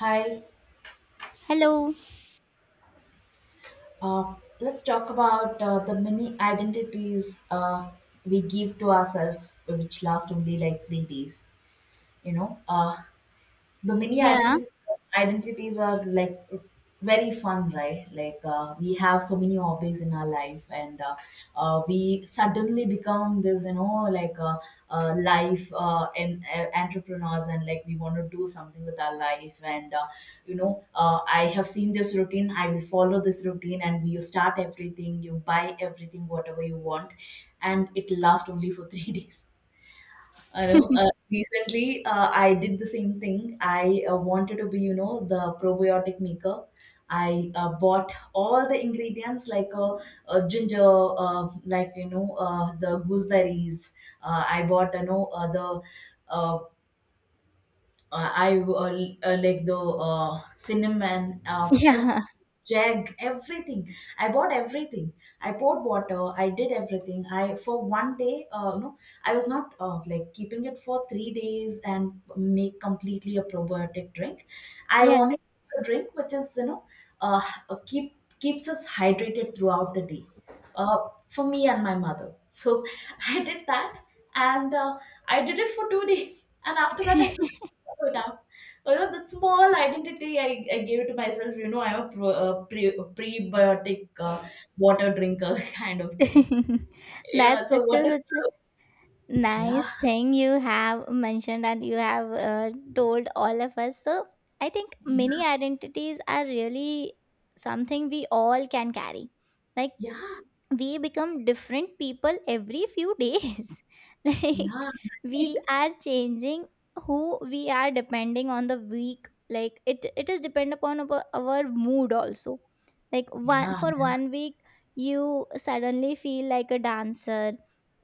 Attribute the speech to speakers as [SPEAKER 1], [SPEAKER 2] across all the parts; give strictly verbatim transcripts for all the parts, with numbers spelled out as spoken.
[SPEAKER 1] Hi,
[SPEAKER 2] Hello.
[SPEAKER 1] uh, let's talk about uh, the many identities uh, we give to ourselves, which last only like three days. You know, uh, the mini
[SPEAKER 2] Yeah.
[SPEAKER 1] identities identities are like very fun, right? Like uh, we have so many hobbies in our life, and uh, uh, we suddenly become this, you know like uh, uh, life, uh, and uh, entrepreneurs, and like we want to do something with our life. And uh, you know uh, I have seen this routine, I will follow this routine, and you start everything, you buy everything, whatever you want, and it lasts only for three days. I know. Uh, recently, uh, I did the same thing. I uh, wanted to be, you know, the probiotic maker. I uh, bought all the ingredients, like uh, uh, ginger, uh, like, you know, uh, the gooseberries. Uh, I bought, you know, uh, the uh, uh, I uh, uh, like the uh, cinnamon, uh, every
[SPEAKER 2] Yeah.
[SPEAKER 1] jug, everything. I bought everything. I poured water. I did everything. I for one day, uh, no, I was not uh, like keeping it for three days and make completely a probiotic drink. I
[SPEAKER 2] Yeah.
[SPEAKER 1] wanted a drink which is, you know, uh, uh, keep keeps us hydrated throughout the day. Uh, for me and my mother. So I did that, and uh, I did it for two days. And after that, I could put up. You know, that small identity I, I gave to myself, you know, I'm a pro, a pre, a prebiotic uh, water drinker kind of thing. Yeah,
[SPEAKER 2] That's
[SPEAKER 1] so
[SPEAKER 2] such a
[SPEAKER 1] what is?
[SPEAKER 2] such a
[SPEAKER 1] Yeah,
[SPEAKER 2] nice thing you have mentioned, and you have uh, told all of us. So I think
[SPEAKER 1] yeah,
[SPEAKER 2] many identities are really something we all can carry. Like
[SPEAKER 1] yeah,
[SPEAKER 2] we become different people every few days,
[SPEAKER 1] yeah,
[SPEAKER 2] like we
[SPEAKER 1] right.
[SPEAKER 2] are changing who we are depending on the week, like it it is depend upon our, our mood also, like one
[SPEAKER 1] Yeah,
[SPEAKER 2] for
[SPEAKER 1] yeah,
[SPEAKER 2] one week you suddenly feel like a dancer,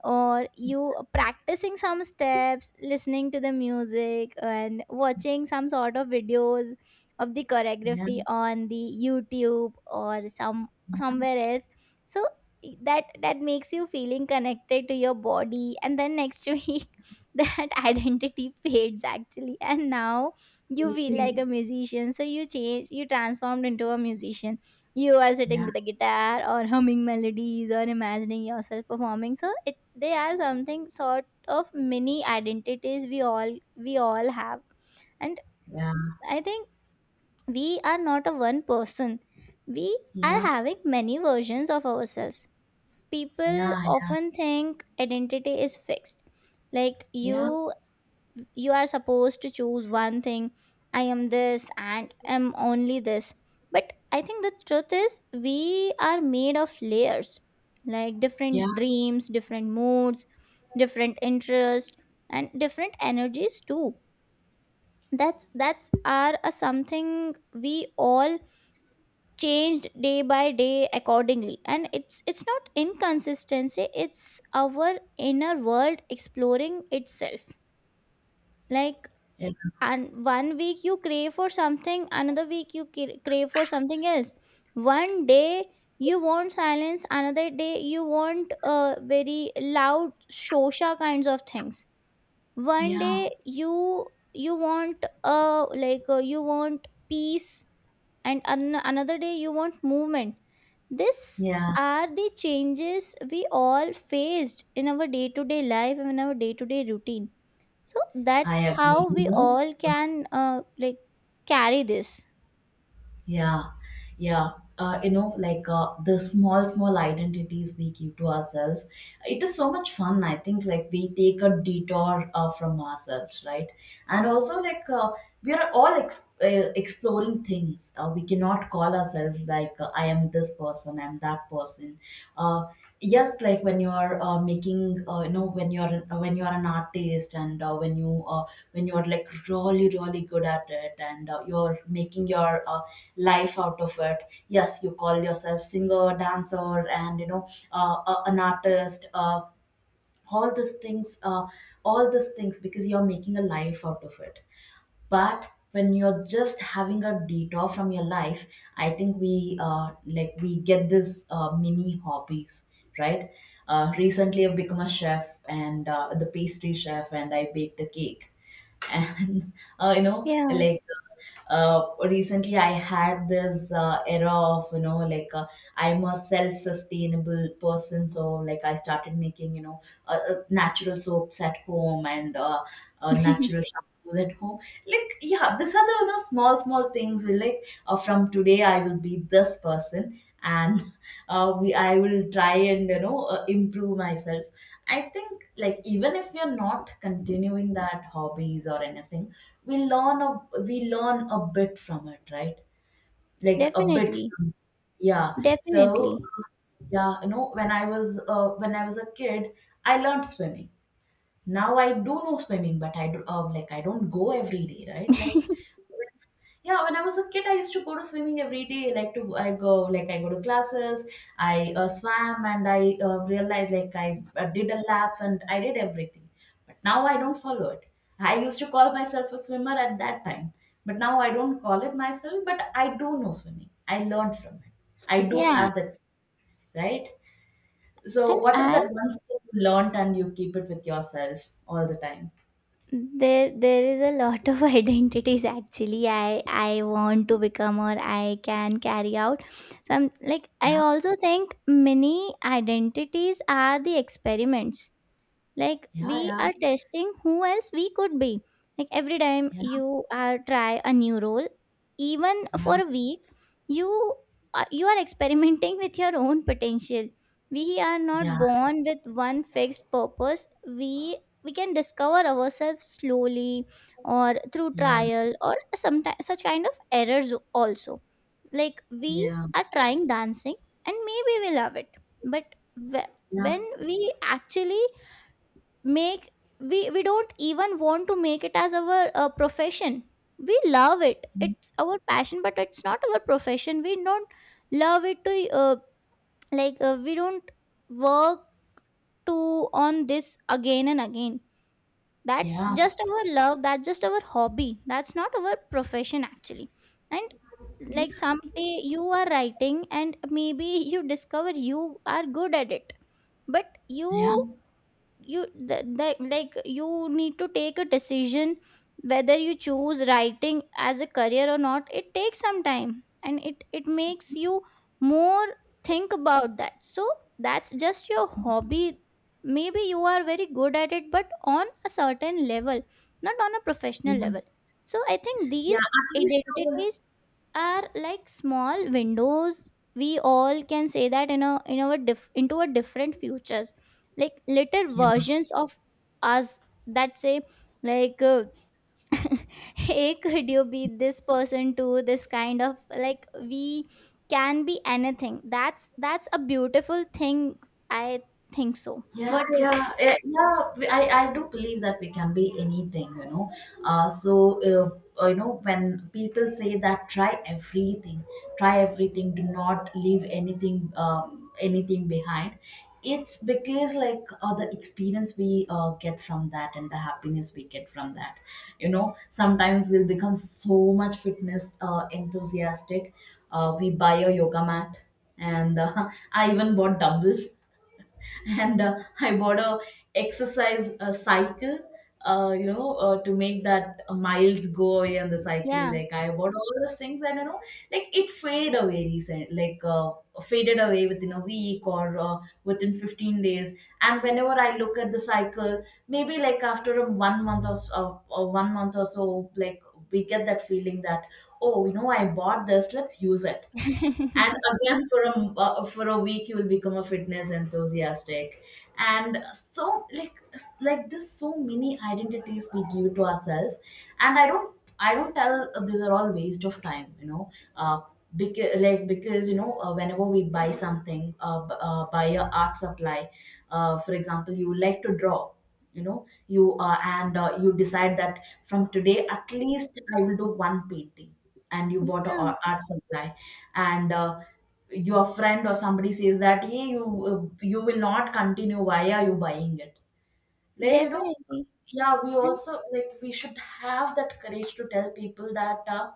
[SPEAKER 2] or you practicing some steps, listening to the music and watching some sort of videos of the
[SPEAKER 1] yeah,
[SPEAKER 2] choreography on the YouTube, or some
[SPEAKER 1] yeah,
[SPEAKER 2] somewhere else. So that that makes you feeling connected to your body, and then next week that identity fades actually, and now you feel like
[SPEAKER 1] okay.
[SPEAKER 2] a musician, so you change, you transformed into a musician. You are sitting
[SPEAKER 1] Yeah,
[SPEAKER 2] with a guitar or humming melodies or imagining yourself performing. So it, they are something sort of mini identities we all we all have. And
[SPEAKER 1] yeah,
[SPEAKER 2] I think we are not a one person, we
[SPEAKER 1] yeah,
[SPEAKER 2] are
[SPEAKER 1] yeah,
[SPEAKER 2] having many versions of ourselves. People
[SPEAKER 1] yeah,
[SPEAKER 2] often think identity is fixed, like you
[SPEAKER 1] yeah,
[SPEAKER 2] you are supposed to choose one thing: I am this, and am only this. But I think the truth is we are made of layers, like
[SPEAKER 1] yeah, yeah,
[SPEAKER 2] different dreams, different moods, different interests, and different energies too. That's that's are a something we all changed day by day accordingly, and it's it's not inconsistency, it's our inner world exploring itself. Like, and one week you crave for something, another week you cra- crave for something else. One day you want silence, another day you want uh, very loud shosha kinds of things. One
[SPEAKER 1] yeah,
[SPEAKER 2] day you you want uh like uh, you want peace, and an- another day you want movement. These
[SPEAKER 1] yeah,
[SPEAKER 2] are the changes we all faced in our day to day life and in our day to day routine. So
[SPEAKER 1] I
[SPEAKER 2] that's
[SPEAKER 1] agree,
[SPEAKER 2] how
[SPEAKER 1] you
[SPEAKER 2] we
[SPEAKER 1] know.
[SPEAKER 2] all can uh, like carry this.
[SPEAKER 1] Yeah, yeah. Uh, you know, like uh, the small, small identities we give to ourselves. It is so much fun. I think like we take a detour uh, from ourselves, right? And also, like uh, we are all ex- uh, exploring things. Uh, we cannot call ourselves like uh, I am this person, I'm that person. Uh, yes, like when you are uh, making, uh, you know, when you are an- uh, when you are an artist, and uh, when you uh, when you're like really really good at it, and uh, you're making your uh, life out of it, yes, you call yourself singer, dancer, and, you know, uh, uh, an artist, uh, all these things, uh, all these things, because you're making a life out of it. But when you're just having a detour from your life, I think we uh, like we get this uh, mini hobbies, right? Uh, recently I've become a chef and uh, the pastry chef, and I baked a cake. And uh, you know
[SPEAKER 2] Yeah.
[SPEAKER 1] like uh, recently I had this uh, era of, you know, like uh, I'm a self-sustainable person, so like I started making, you know, uh, uh, natural soaps at home, and uh, uh, natural shampoos at home. Like, yeah, these are the, you know, small small things, like uh, from today I will be this person. And uh, we I will try and, you know, uh, improve myself. I think like even if you're not continuing that hobbies or anything, we learn a we learn a bit from it, right? Like a bit
[SPEAKER 2] Definitely.
[SPEAKER 1] from, yeah. So,
[SPEAKER 2] Definitely.
[SPEAKER 1] yeah, you know, when I was uh, when I was a kid, I learned swimming. Now I do know swimming, but I do, uh, like I don't go every day, right? Like, yeah, when I was a kid, I used to go to swimming every day. Like to I go, like I go to classes. I uh, swam, and I uh, realized, like I uh, did a laps and I did everything. But now I don't follow it. I used to call myself a swimmer at that time, but now I don't call it myself. But I do know swimming. I learned from it. I do
[SPEAKER 2] Yeah,
[SPEAKER 1] have that, right? So
[SPEAKER 2] and
[SPEAKER 1] what is
[SPEAKER 2] I
[SPEAKER 1] that one skill you learned and you keep it with yourself all the time?
[SPEAKER 2] there there is a lot of identities actually i i want to become, or I can carry out some. Like
[SPEAKER 1] Yeah,
[SPEAKER 2] I also think many identities are the experiments, like we
[SPEAKER 1] yeah,
[SPEAKER 2] are testing who else we could be, like every time
[SPEAKER 1] yeah,
[SPEAKER 2] you are try a new role, even
[SPEAKER 1] yeah,
[SPEAKER 2] for a week, you are, you are experimenting with your own potential. We are not
[SPEAKER 1] yeah,
[SPEAKER 2] born with one fixed purpose, we we can discover ourselves slowly, or through
[SPEAKER 1] yeah,
[SPEAKER 2] trial or sometimes such kind of errors also. Like we
[SPEAKER 1] yeah, yeah,
[SPEAKER 2] are trying dancing, and maybe we love it. But wh-
[SPEAKER 1] yeah,
[SPEAKER 2] when we actually make, we we don't even want to make it as our uh, profession. We love it, it's our passion, but it's not our profession. We don't love it to uh, like uh, we don't work to on this again and again. That's
[SPEAKER 1] yeah,
[SPEAKER 2] just our love, that's just our hobby, that's not our profession actually. And like someday you are writing, and maybe you discover you are good at it, but
[SPEAKER 1] yeah, yeah,
[SPEAKER 2] you you th- like like you need to take a decision whether you choose writing as a career or not. It takes some time, and it it makes you more think about that. So that's just your hobby. Maybe you are very good at it, but on a certain level, not on a professional
[SPEAKER 1] yeah.
[SPEAKER 2] level. So I think
[SPEAKER 1] Yeah.
[SPEAKER 2] these
[SPEAKER 1] At least, I will-
[SPEAKER 2] identities are like small windows we all can say that in a, in our diff, into a different futures. Like little
[SPEAKER 1] yeah.
[SPEAKER 2] versions of us that say, like uh, hey, could you be this person too? This kind of, like we can be anything. That's that's a beautiful thing I think. So
[SPEAKER 1] Yeah,
[SPEAKER 2] what you—
[SPEAKER 1] yeah, eh, yeah. we- I, I do believe that we can be anything, you know. Uh, so, uh, uh, you know, when people say that try everything, try everything, do not leave anything, um, anything behind, it's because like uh, the experience we uh, get from that, and the happiness we get from that, you know, sometimes we'll become so much fitness uh, enthusiastic. Uh, we buy a yoga mat, and uh, I even bought dumbbells, and uh, I bought a exercise uh, cycle. Uh, you know, uh, to make that uh, miles go away on the cycle,
[SPEAKER 2] Yeah.
[SPEAKER 1] like I bought all those things, and you know, like it faded away recent, like uh, faded away within a week, or uh, within fifteen days. And whenever I look at the cycle, maybe like after a one month or so, or one month or so, like we get that feeling that, oh, you know, I bought this, let's use it. And again for a uh, for a week you will become a fitness enthusiastic, and so like like this, so many identities we give to ourselves. And i don't i don't tell uh, these are all waste of time, you know. uh, because like, because you know, uh, whenever we buy something uh, b- uh, buy a art supply, uh, for example you like to draw, you know, you uh, and uh, you decide that from today at least I will do one painting, and you bought a
[SPEAKER 2] Yeah.
[SPEAKER 1] a- art supply, and uh, your friend or somebody says that, hey, you uh, you will not continue, why are you buying it, like, you know.
[SPEAKER 2] Definitely.
[SPEAKER 1] Yeah, we also, like, we should have that courage to tell people that uh,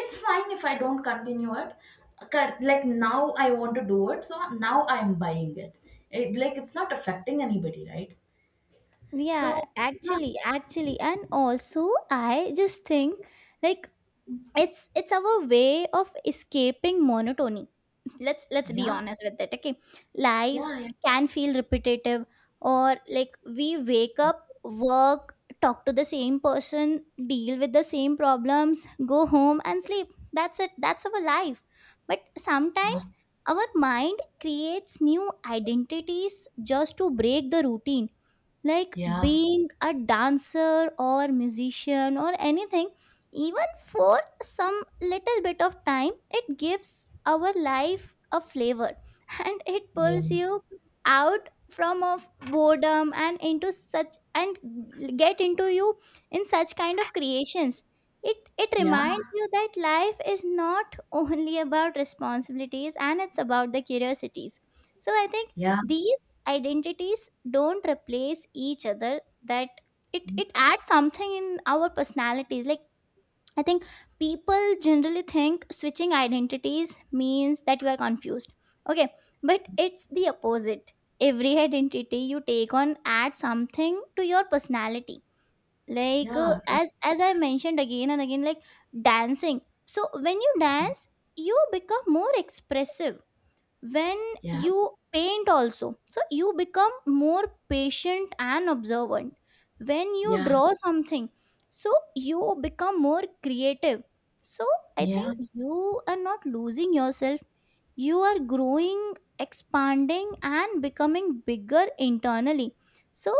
[SPEAKER 1] it's fine if I don't continue it. Cur- like now I want to do it, so now I'm buying it, it like it's not affecting anybody, right? So
[SPEAKER 2] Yeah,
[SPEAKER 1] yeah,
[SPEAKER 2] actually, actually, and also I just think like it's it's our way of escaping monotony. Let's let's be
[SPEAKER 1] yeah,
[SPEAKER 2] honest with it. Okay, life
[SPEAKER 1] yeah,
[SPEAKER 2] can feel repetitive, or like we wake up, work, talk to the same person, deal with the same problems, go home and sleep. That's it, that's our life. But sometimes our mind creates new identities just to break the routine, like
[SPEAKER 1] yeah,
[SPEAKER 2] being a dancer or musician or anything, even for some little bit of time, it gives our life a flavor. And it
[SPEAKER 1] yeah,
[SPEAKER 2] pulls you out from of boredom and into such and get into you in such kind of creations. It it
[SPEAKER 1] yeah,
[SPEAKER 2] reminds you that life is not only about responsibilities, and it's about the curiosities. So I think
[SPEAKER 1] yeah,
[SPEAKER 2] these identities don't replace each other, that it it adds something in our personalities. Like I think people generally think switching identities means that you are confused. Okay, but it's the opposite. Every identity you take on adds something to your personality. Like uh,
[SPEAKER 1] yeah,
[SPEAKER 2] as as I mentioned again and again, like dancing. So when you dance, you become more expressive. When
[SPEAKER 1] yeah,
[SPEAKER 2] you paint also, so you become more patient and observant. When you
[SPEAKER 1] yeah,
[SPEAKER 2] draw something, so you become more creative. So I
[SPEAKER 1] yeah, yeah,
[SPEAKER 2] think you are not losing yourself, you are growing, expanding and becoming bigger internally. So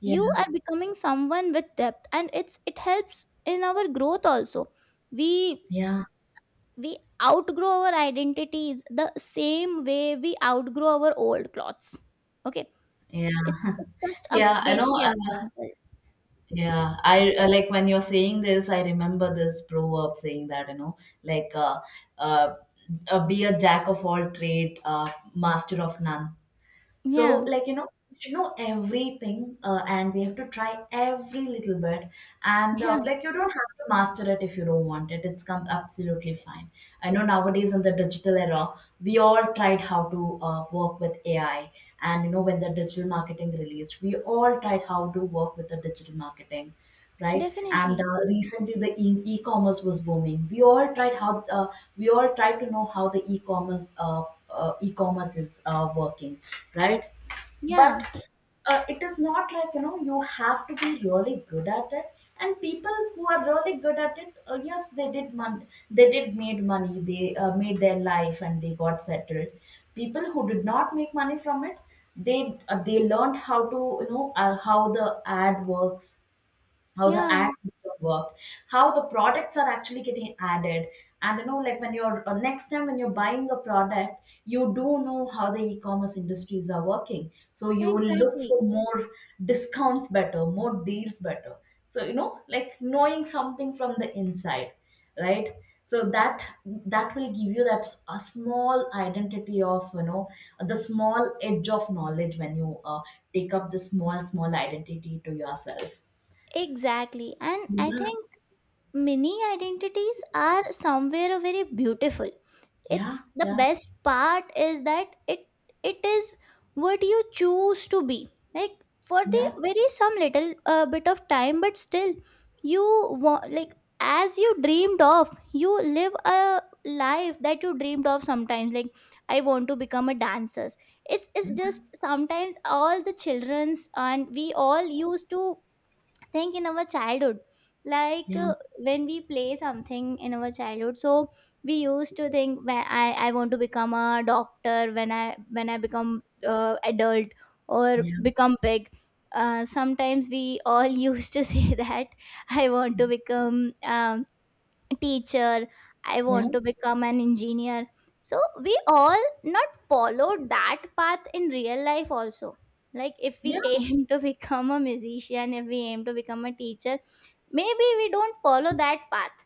[SPEAKER 1] yeah,
[SPEAKER 2] you are becoming someone with depth, and it's it helps in our growth also. we
[SPEAKER 1] yeah,
[SPEAKER 2] we outgrow our identities the same way we outgrow our old clothes. Okay,
[SPEAKER 1] yeah.
[SPEAKER 2] it's, it's just a
[SPEAKER 1] Yeah, I know.
[SPEAKER 2] basic
[SPEAKER 1] Uh,
[SPEAKER 2] example.
[SPEAKER 1] yeah, I uh, like when you're saying this, I remember this proverb saying that, you know, like, uh, uh, uh, be a jack of all trade, uh, master of none. So,
[SPEAKER 2] Yeah.
[SPEAKER 1] like, you know, we should know everything, uh, and we have to try every little bit. And uh,
[SPEAKER 2] Yeah.
[SPEAKER 1] like, you don't have to master it if you don't want it. It's come absolutely fine. I know, nowadays in the digital era, we all tried how to uh, work with A I. And, you know, when the digital marketing released, we all tried how to work with the digital marketing, right? And
[SPEAKER 2] Definitely.
[SPEAKER 1] uh, recently the e- e-commerce was booming, we all tried how uh, we all tried to know how the e-commerce uh, uh, e-commerce is uh, working, right?
[SPEAKER 2] Yeah.
[SPEAKER 1] But uh, it is not like, you know, you have to be really good at it. And people who are really good at it, uh, yes, they did mon- they did made money, they uh, made their life and they got settled. People who did not make money from it, they uh, they learned how to, you know, uh, how the ad works, how the
[SPEAKER 2] Yeah.
[SPEAKER 1] ad system worked, how the products are actually getting added. And you know, like when you're uh, next time when you're buying a product, you do know how the e-commerce industries are working. So you will look
[SPEAKER 2] Exactly.
[SPEAKER 1] for more discounts better, more deals better. So you know, like knowing something from the inside, right? So that, that will give you that s- a small identity of, you know, the small edge of knowledge when you uh, take up the small small identity to yourself.
[SPEAKER 2] Exactly. And I
[SPEAKER 1] Yeah.
[SPEAKER 2] think many identities are somewhere very beautiful.
[SPEAKER 1] Yeah,
[SPEAKER 2] It's the
[SPEAKER 1] yeah,
[SPEAKER 2] best part is that it it is what you choose to be. Like for the
[SPEAKER 1] yeah,
[SPEAKER 2] very some little uh, bit of time, but still you want, like as you dreamed of, you live a life that you dreamed of sometimes. Like I want to become a dancer. It's, it's just sometimes all the children's, and we all used to think in our childhood like
[SPEAKER 1] yeah,
[SPEAKER 2] uh, when we play something in our childhood, so we used to think where i i want to become a doctor when I when I become uh, adult, or
[SPEAKER 1] yeah,
[SPEAKER 2] become big. Uh, sometimes we all used to say that I want to become um, teacher, I
[SPEAKER 1] yeah,
[SPEAKER 2] want to become an engineer. So we all not followed that path in real life also. Like if we aim to become a musician, if we aim to become a teacher, maybe we don't follow that path.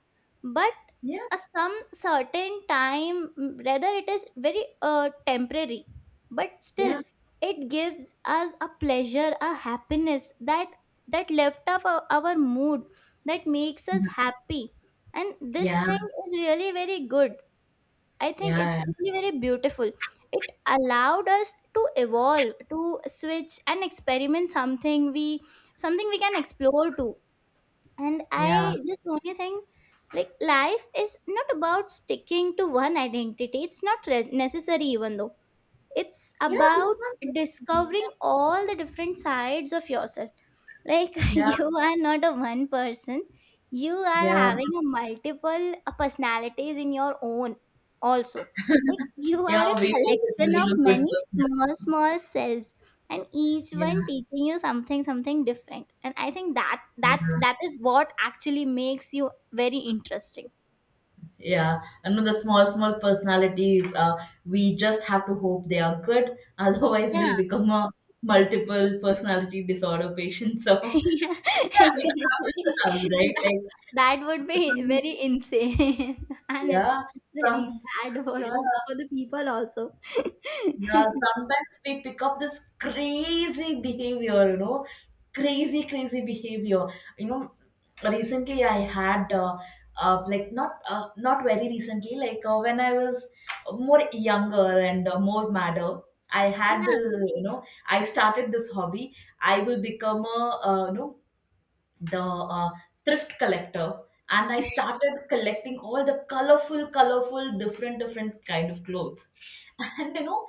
[SPEAKER 2] But
[SPEAKER 1] yeah,
[SPEAKER 2] a some certain time, mm, whether it is very uh, temporary, but still
[SPEAKER 1] yeah,
[SPEAKER 2] it gives us a pleasure, a happiness, that that lift up our, our mood, that makes us happy. And this
[SPEAKER 1] yeah,
[SPEAKER 2] thing is really very good, I think.
[SPEAKER 1] yeah,
[SPEAKER 2] It's
[SPEAKER 1] yeah,
[SPEAKER 2] really very beautiful. It allowed us to evolve, to switch and experiment something we something we can explore too. And
[SPEAKER 1] yeah,
[SPEAKER 2] I just only think like life is not about sticking to one identity. It's not re- necessary, even though it's
[SPEAKER 1] yeah,
[SPEAKER 2] about
[SPEAKER 1] exactly. Yeah,
[SPEAKER 2] discovering all the different sides of yourself. Like
[SPEAKER 1] yeah,
[SPEAKER 2] you are not a one person, you are
[SPEAKER 1] yeah.
[SPEAKER 2] having a multiple uh, personalities in your own also. Like you are
[SPEAKER 1] Yeah,
[SPEAKER 2] a
[SPEAKER 1] we hope it will
[SPEAKER 2] collection
[SPEAKER 1] be
[SPEAKER 2] of
[SPEAKER 1] a good
[SPEAKER 2] many
[SPEAKER 1] person.
[SPEAKER 2] small small selves, and each
[SPEAKER 1] Yeah,
[SPEAKER 2] one teaching you something something different. And I think that that
[SPEAKER 1] yeah,
[SPEAKER 2] that is what actually makes you very interesting.
[SPEAKER 1] yeah. I know, the small, small personalities, uh, we just have to hope they are good. Otherwise,
[SPEAKER 2] Yeah.
[SPEAKER 1] we'll become a multiple personality disorder patient. So,
[SPEAKER 2] Yeah,
[SPEAKER 1] yeah, it happens to
[SPEAKER 2] exactly.
[SPEAKER 1] us, right?
[SPEAKER 2] That,
[SPEAKER 1] Like,
[SPEAKER 2] that would be
[SPEAKER 1] some,
[SPEAKER 2] very insane, and it's
[SPEAKER 1] yeah,
[SPEAKER 2] very
[SPEAKER 1] some,
[SPEAKER 2] bad for
[SPEAKER 1] yeah.
[SPEAKER 2] all for the people also.
[SPEAKER 1] Yeah, sometimes we pick up this crazy behavior, you know, crazy, crazy behavior. You know, recently I had, uh, uh, like not, uh, not very recently, like uh, when I was more younger and uh, more madder, I had
[SPEAKER 2] Yeah.
[SPEAKER 1] the, you know, I started this hobby. I will become a, uh, you know, the uh, thrift collector. And I started collecting all the colorful, colorful, different, different kind of clothes. And you know,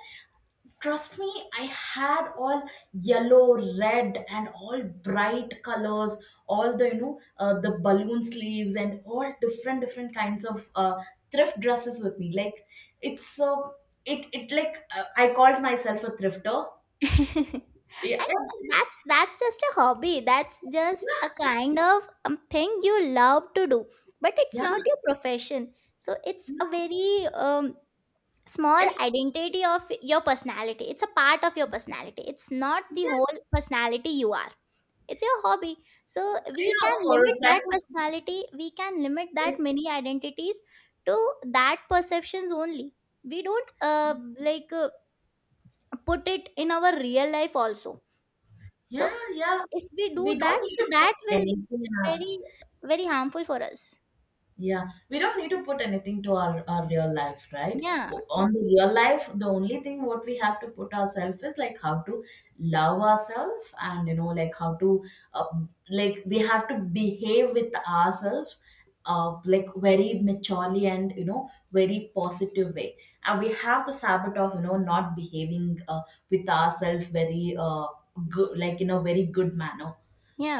[SPEAKER 1] trust me, I had all yellow, red, and all bright colors, all the, you know, uh, the balloon sleeves and all different, different kinds of uh, thrift dresses with me. Like, it's uh, it it like uh, I called myself a thrifter, yeah.
[SPEAKER 2] And that's that's just a hobby. That's just a kind of um, thing you love to do, but it's
[SPEAKER 1] Yeah,
[SPEAKER 2] not your profession. So it's
[SPEAKER 1] yeah.
[SPEAKER 2] a very um, small
[SPEAKER 1] It,
[SPEAKER 2] identity of your personality. It's a part of your personality. It's not the
[SPEAKER 1] yeah,
[SPEAKER 2] whole personality you are. It's your hobby. So we
[SPEAKER 1] yeah,
[SPEAKER 2] can
[SPEAKER 1] for a
[SPEAKER 2] limit
[SPEAKER 1] time,
[SPEAKER 2] that personality, we can limit that many identities to that perceptions only. We don't uh, like uh, put it in our real life also. So
[SPEAKER 1] yeah, yeah,
[SPEAKER 2] if we do
[SPEAKER 1] we don't
[SPEAKER 2] that,
[SPEAKER 1] need
[SPEAKER 2] so
[SPEAKER 1] to put
[SPEAKER 2] that will be
[SPEAKER 1] anything in our.
[SPEAKER 2] very very harmful for us.
[SPEAKER 1] Yeah, we don't need to put anything to our, our real life, right?
[SPEAKER 2] Yeah.
[SPEAKER 1] O- On the real life, the only thing what we have to put ourselves is, like, how to love ourselves, and you know, like how to uh, like we have to behave with ourselves uh, like very maturely, and you know, very positive way. And we have this habit of, you know, not behaving uh, with ourselves very uh, good, like in a very good manner.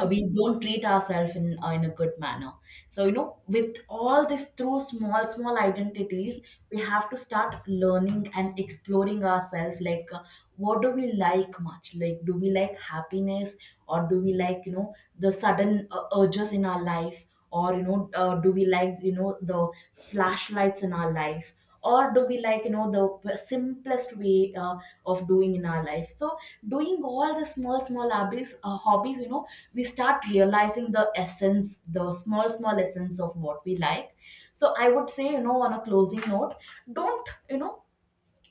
[SPEAKER 1] uh, We don't treat ourselves in uh, in a good manner. So, you know, with all this, through small small identities, we have to start learning and exploring ourselves, like uh, what do we like much, like do we like happiness, or do we like, you know, the sudden uh, urges in our life, or, you know, uh, do we like, you know, the flashlights in our life, or do we like, you know, the simplest way uh, of doing in our life. So doing all the small small hobbies uh, hobbies, you know, we start realizing the essence, the small small essence of what we like. So I would say, you know, on a closing note, don't, you know,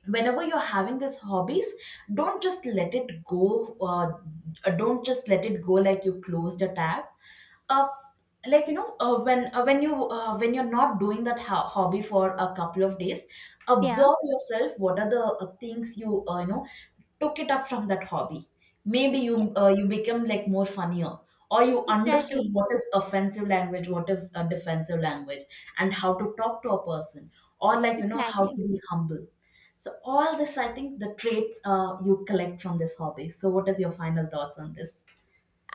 [SPEAKER 1] whenever you're having these hobbies, don't just let it go, uh, don't just let it go like you closed a tab, uh, like you know, uh, when uh, when you uh, when you're not doing that ho- hobby for a couple of days,
[SPEAKER 2] Yeah,
[SPEAKER 1] observe yourself what are the uh, things you uh, you know, took it up from that hobby. Maybe
[SPEAKER 2] yeah.
[SPEAKER 1] you uh, you become like more funnier, or you understood
[SPEAKER 2] Exactly.
[SPEAKER 1] what is offensive language, what is a defensive language, and how to talk to a person, or like you know, how
[SPEAKER 2] Exactly.
[SPEAKER 1] to be humble. So all this, I think, the traits uh, you collect from this hobby. So what is your final thoughts on this?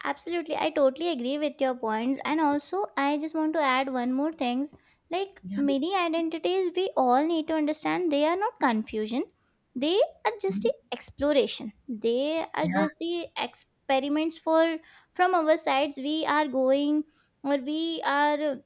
[SPEAKER 2] Absolutely, I totally agree with your points, and also I just want to add one more things. Like
[SPEAKER 1] Yeah,
[SPEAKER 2] many identities, we all need to understand they are not confusion. They are just the exploration. They are
[SPEAKER 1] yeah,
[SPEAKER 2] just the experiments for from our sides we are going, or we are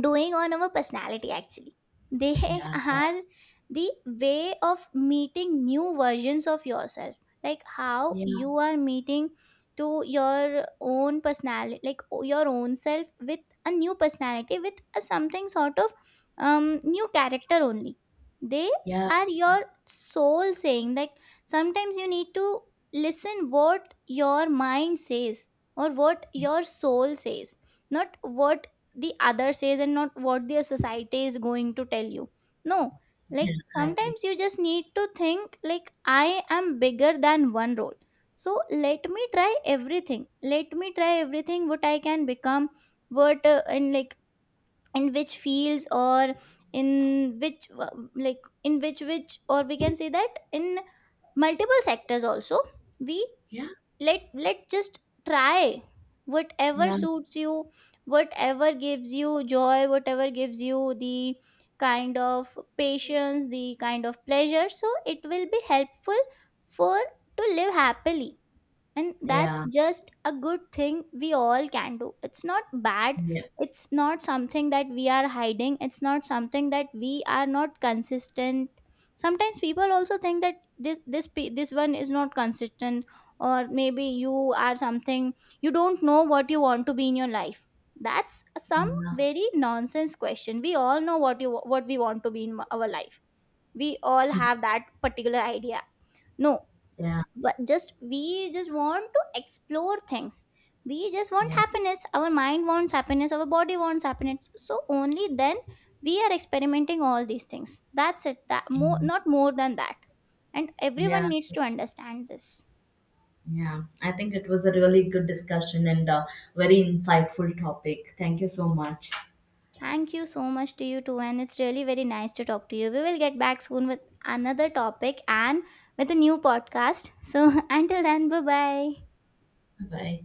[SPEAKER 2] doing on our personality actually. They
[SPEAKER 1] yeah, yeah,
[SPEAKER 2] are the way of meeting new versions of yourself. Like how
[SPEAKER 1] yeah.
[SPEAKER 2] you are meeting to your own personality, like o- your own self with a new personality, with a something sort of um new character only. They
[SPEAKER 1] Yeah,
[SPEAKER 2] are your soul saying, like sometimes you need to listen what your mind says or what
[SPEAKER 1] yeah,
[SPEAKER 2] your soul says, not what the other says, and not what their society is going to tell you. No. Like
[SPEAKER 1] yeah, I agree.
[SPEAKER 2] sometimes you just need to think like I am bigger than one role. So let me try everything let me try everything what I can become. What uh, in like, in which fields, or in which uh, like in which which, or we can say that in multiple sectors also. We
[SPEAKER 1] Yeah.
[SPEAKER 2] let let just try whatever
[SPEAKER 1] Yeah,
[SPEAKER 2] suits you, whatever gives you joy, whatever gives you the kind of patience, the kind of pleasure. So it will be helpful for to live happily. And that's
[SPEAKER 1] yeah,
[SPEAKER 2] just a good thing we all can do, it's not bad.
[SPEAKER 1] yeah,
[SPEAKER 2] It's not something that we are hiding, it's not something that we are not consistent. Sometimes people also think that this this pe- this one is not consistent, or maybe you are something, you don't know what you want to be in your life. That's some
[SPEAKER 1] yeah,
[SPEAKER 2] very nonsense question. We all know what you, what we want to be in our life. We all have that particular idea. No.
[SPEAKER 1] yeah,
[SPEAKER 2] But just we just want to explore things. We just want
[SPEAKER 1] yeah,
[SPEAKER 2] happiness, our mind wants happiness, our body wants happiness, so only then we are experimenting all these things. That's it. That more,
[SPEAKER 1] mm,
[SPEAKER 2] not more than that. And
[SPEAKER 1] yeah,
[SPEAKER 2] everyone needs to understand this.
[SPEAKER 1] yeah. I think it was a really good discussion and a very insightful topic. Thank you so much.
[SPEAKER 2] Thank you so much to you too, and it's really very nice to talk to you. We will get back soon with another topic and with a new podcast. So until then, bye bye.
[SPEAKER 1] Bye bye.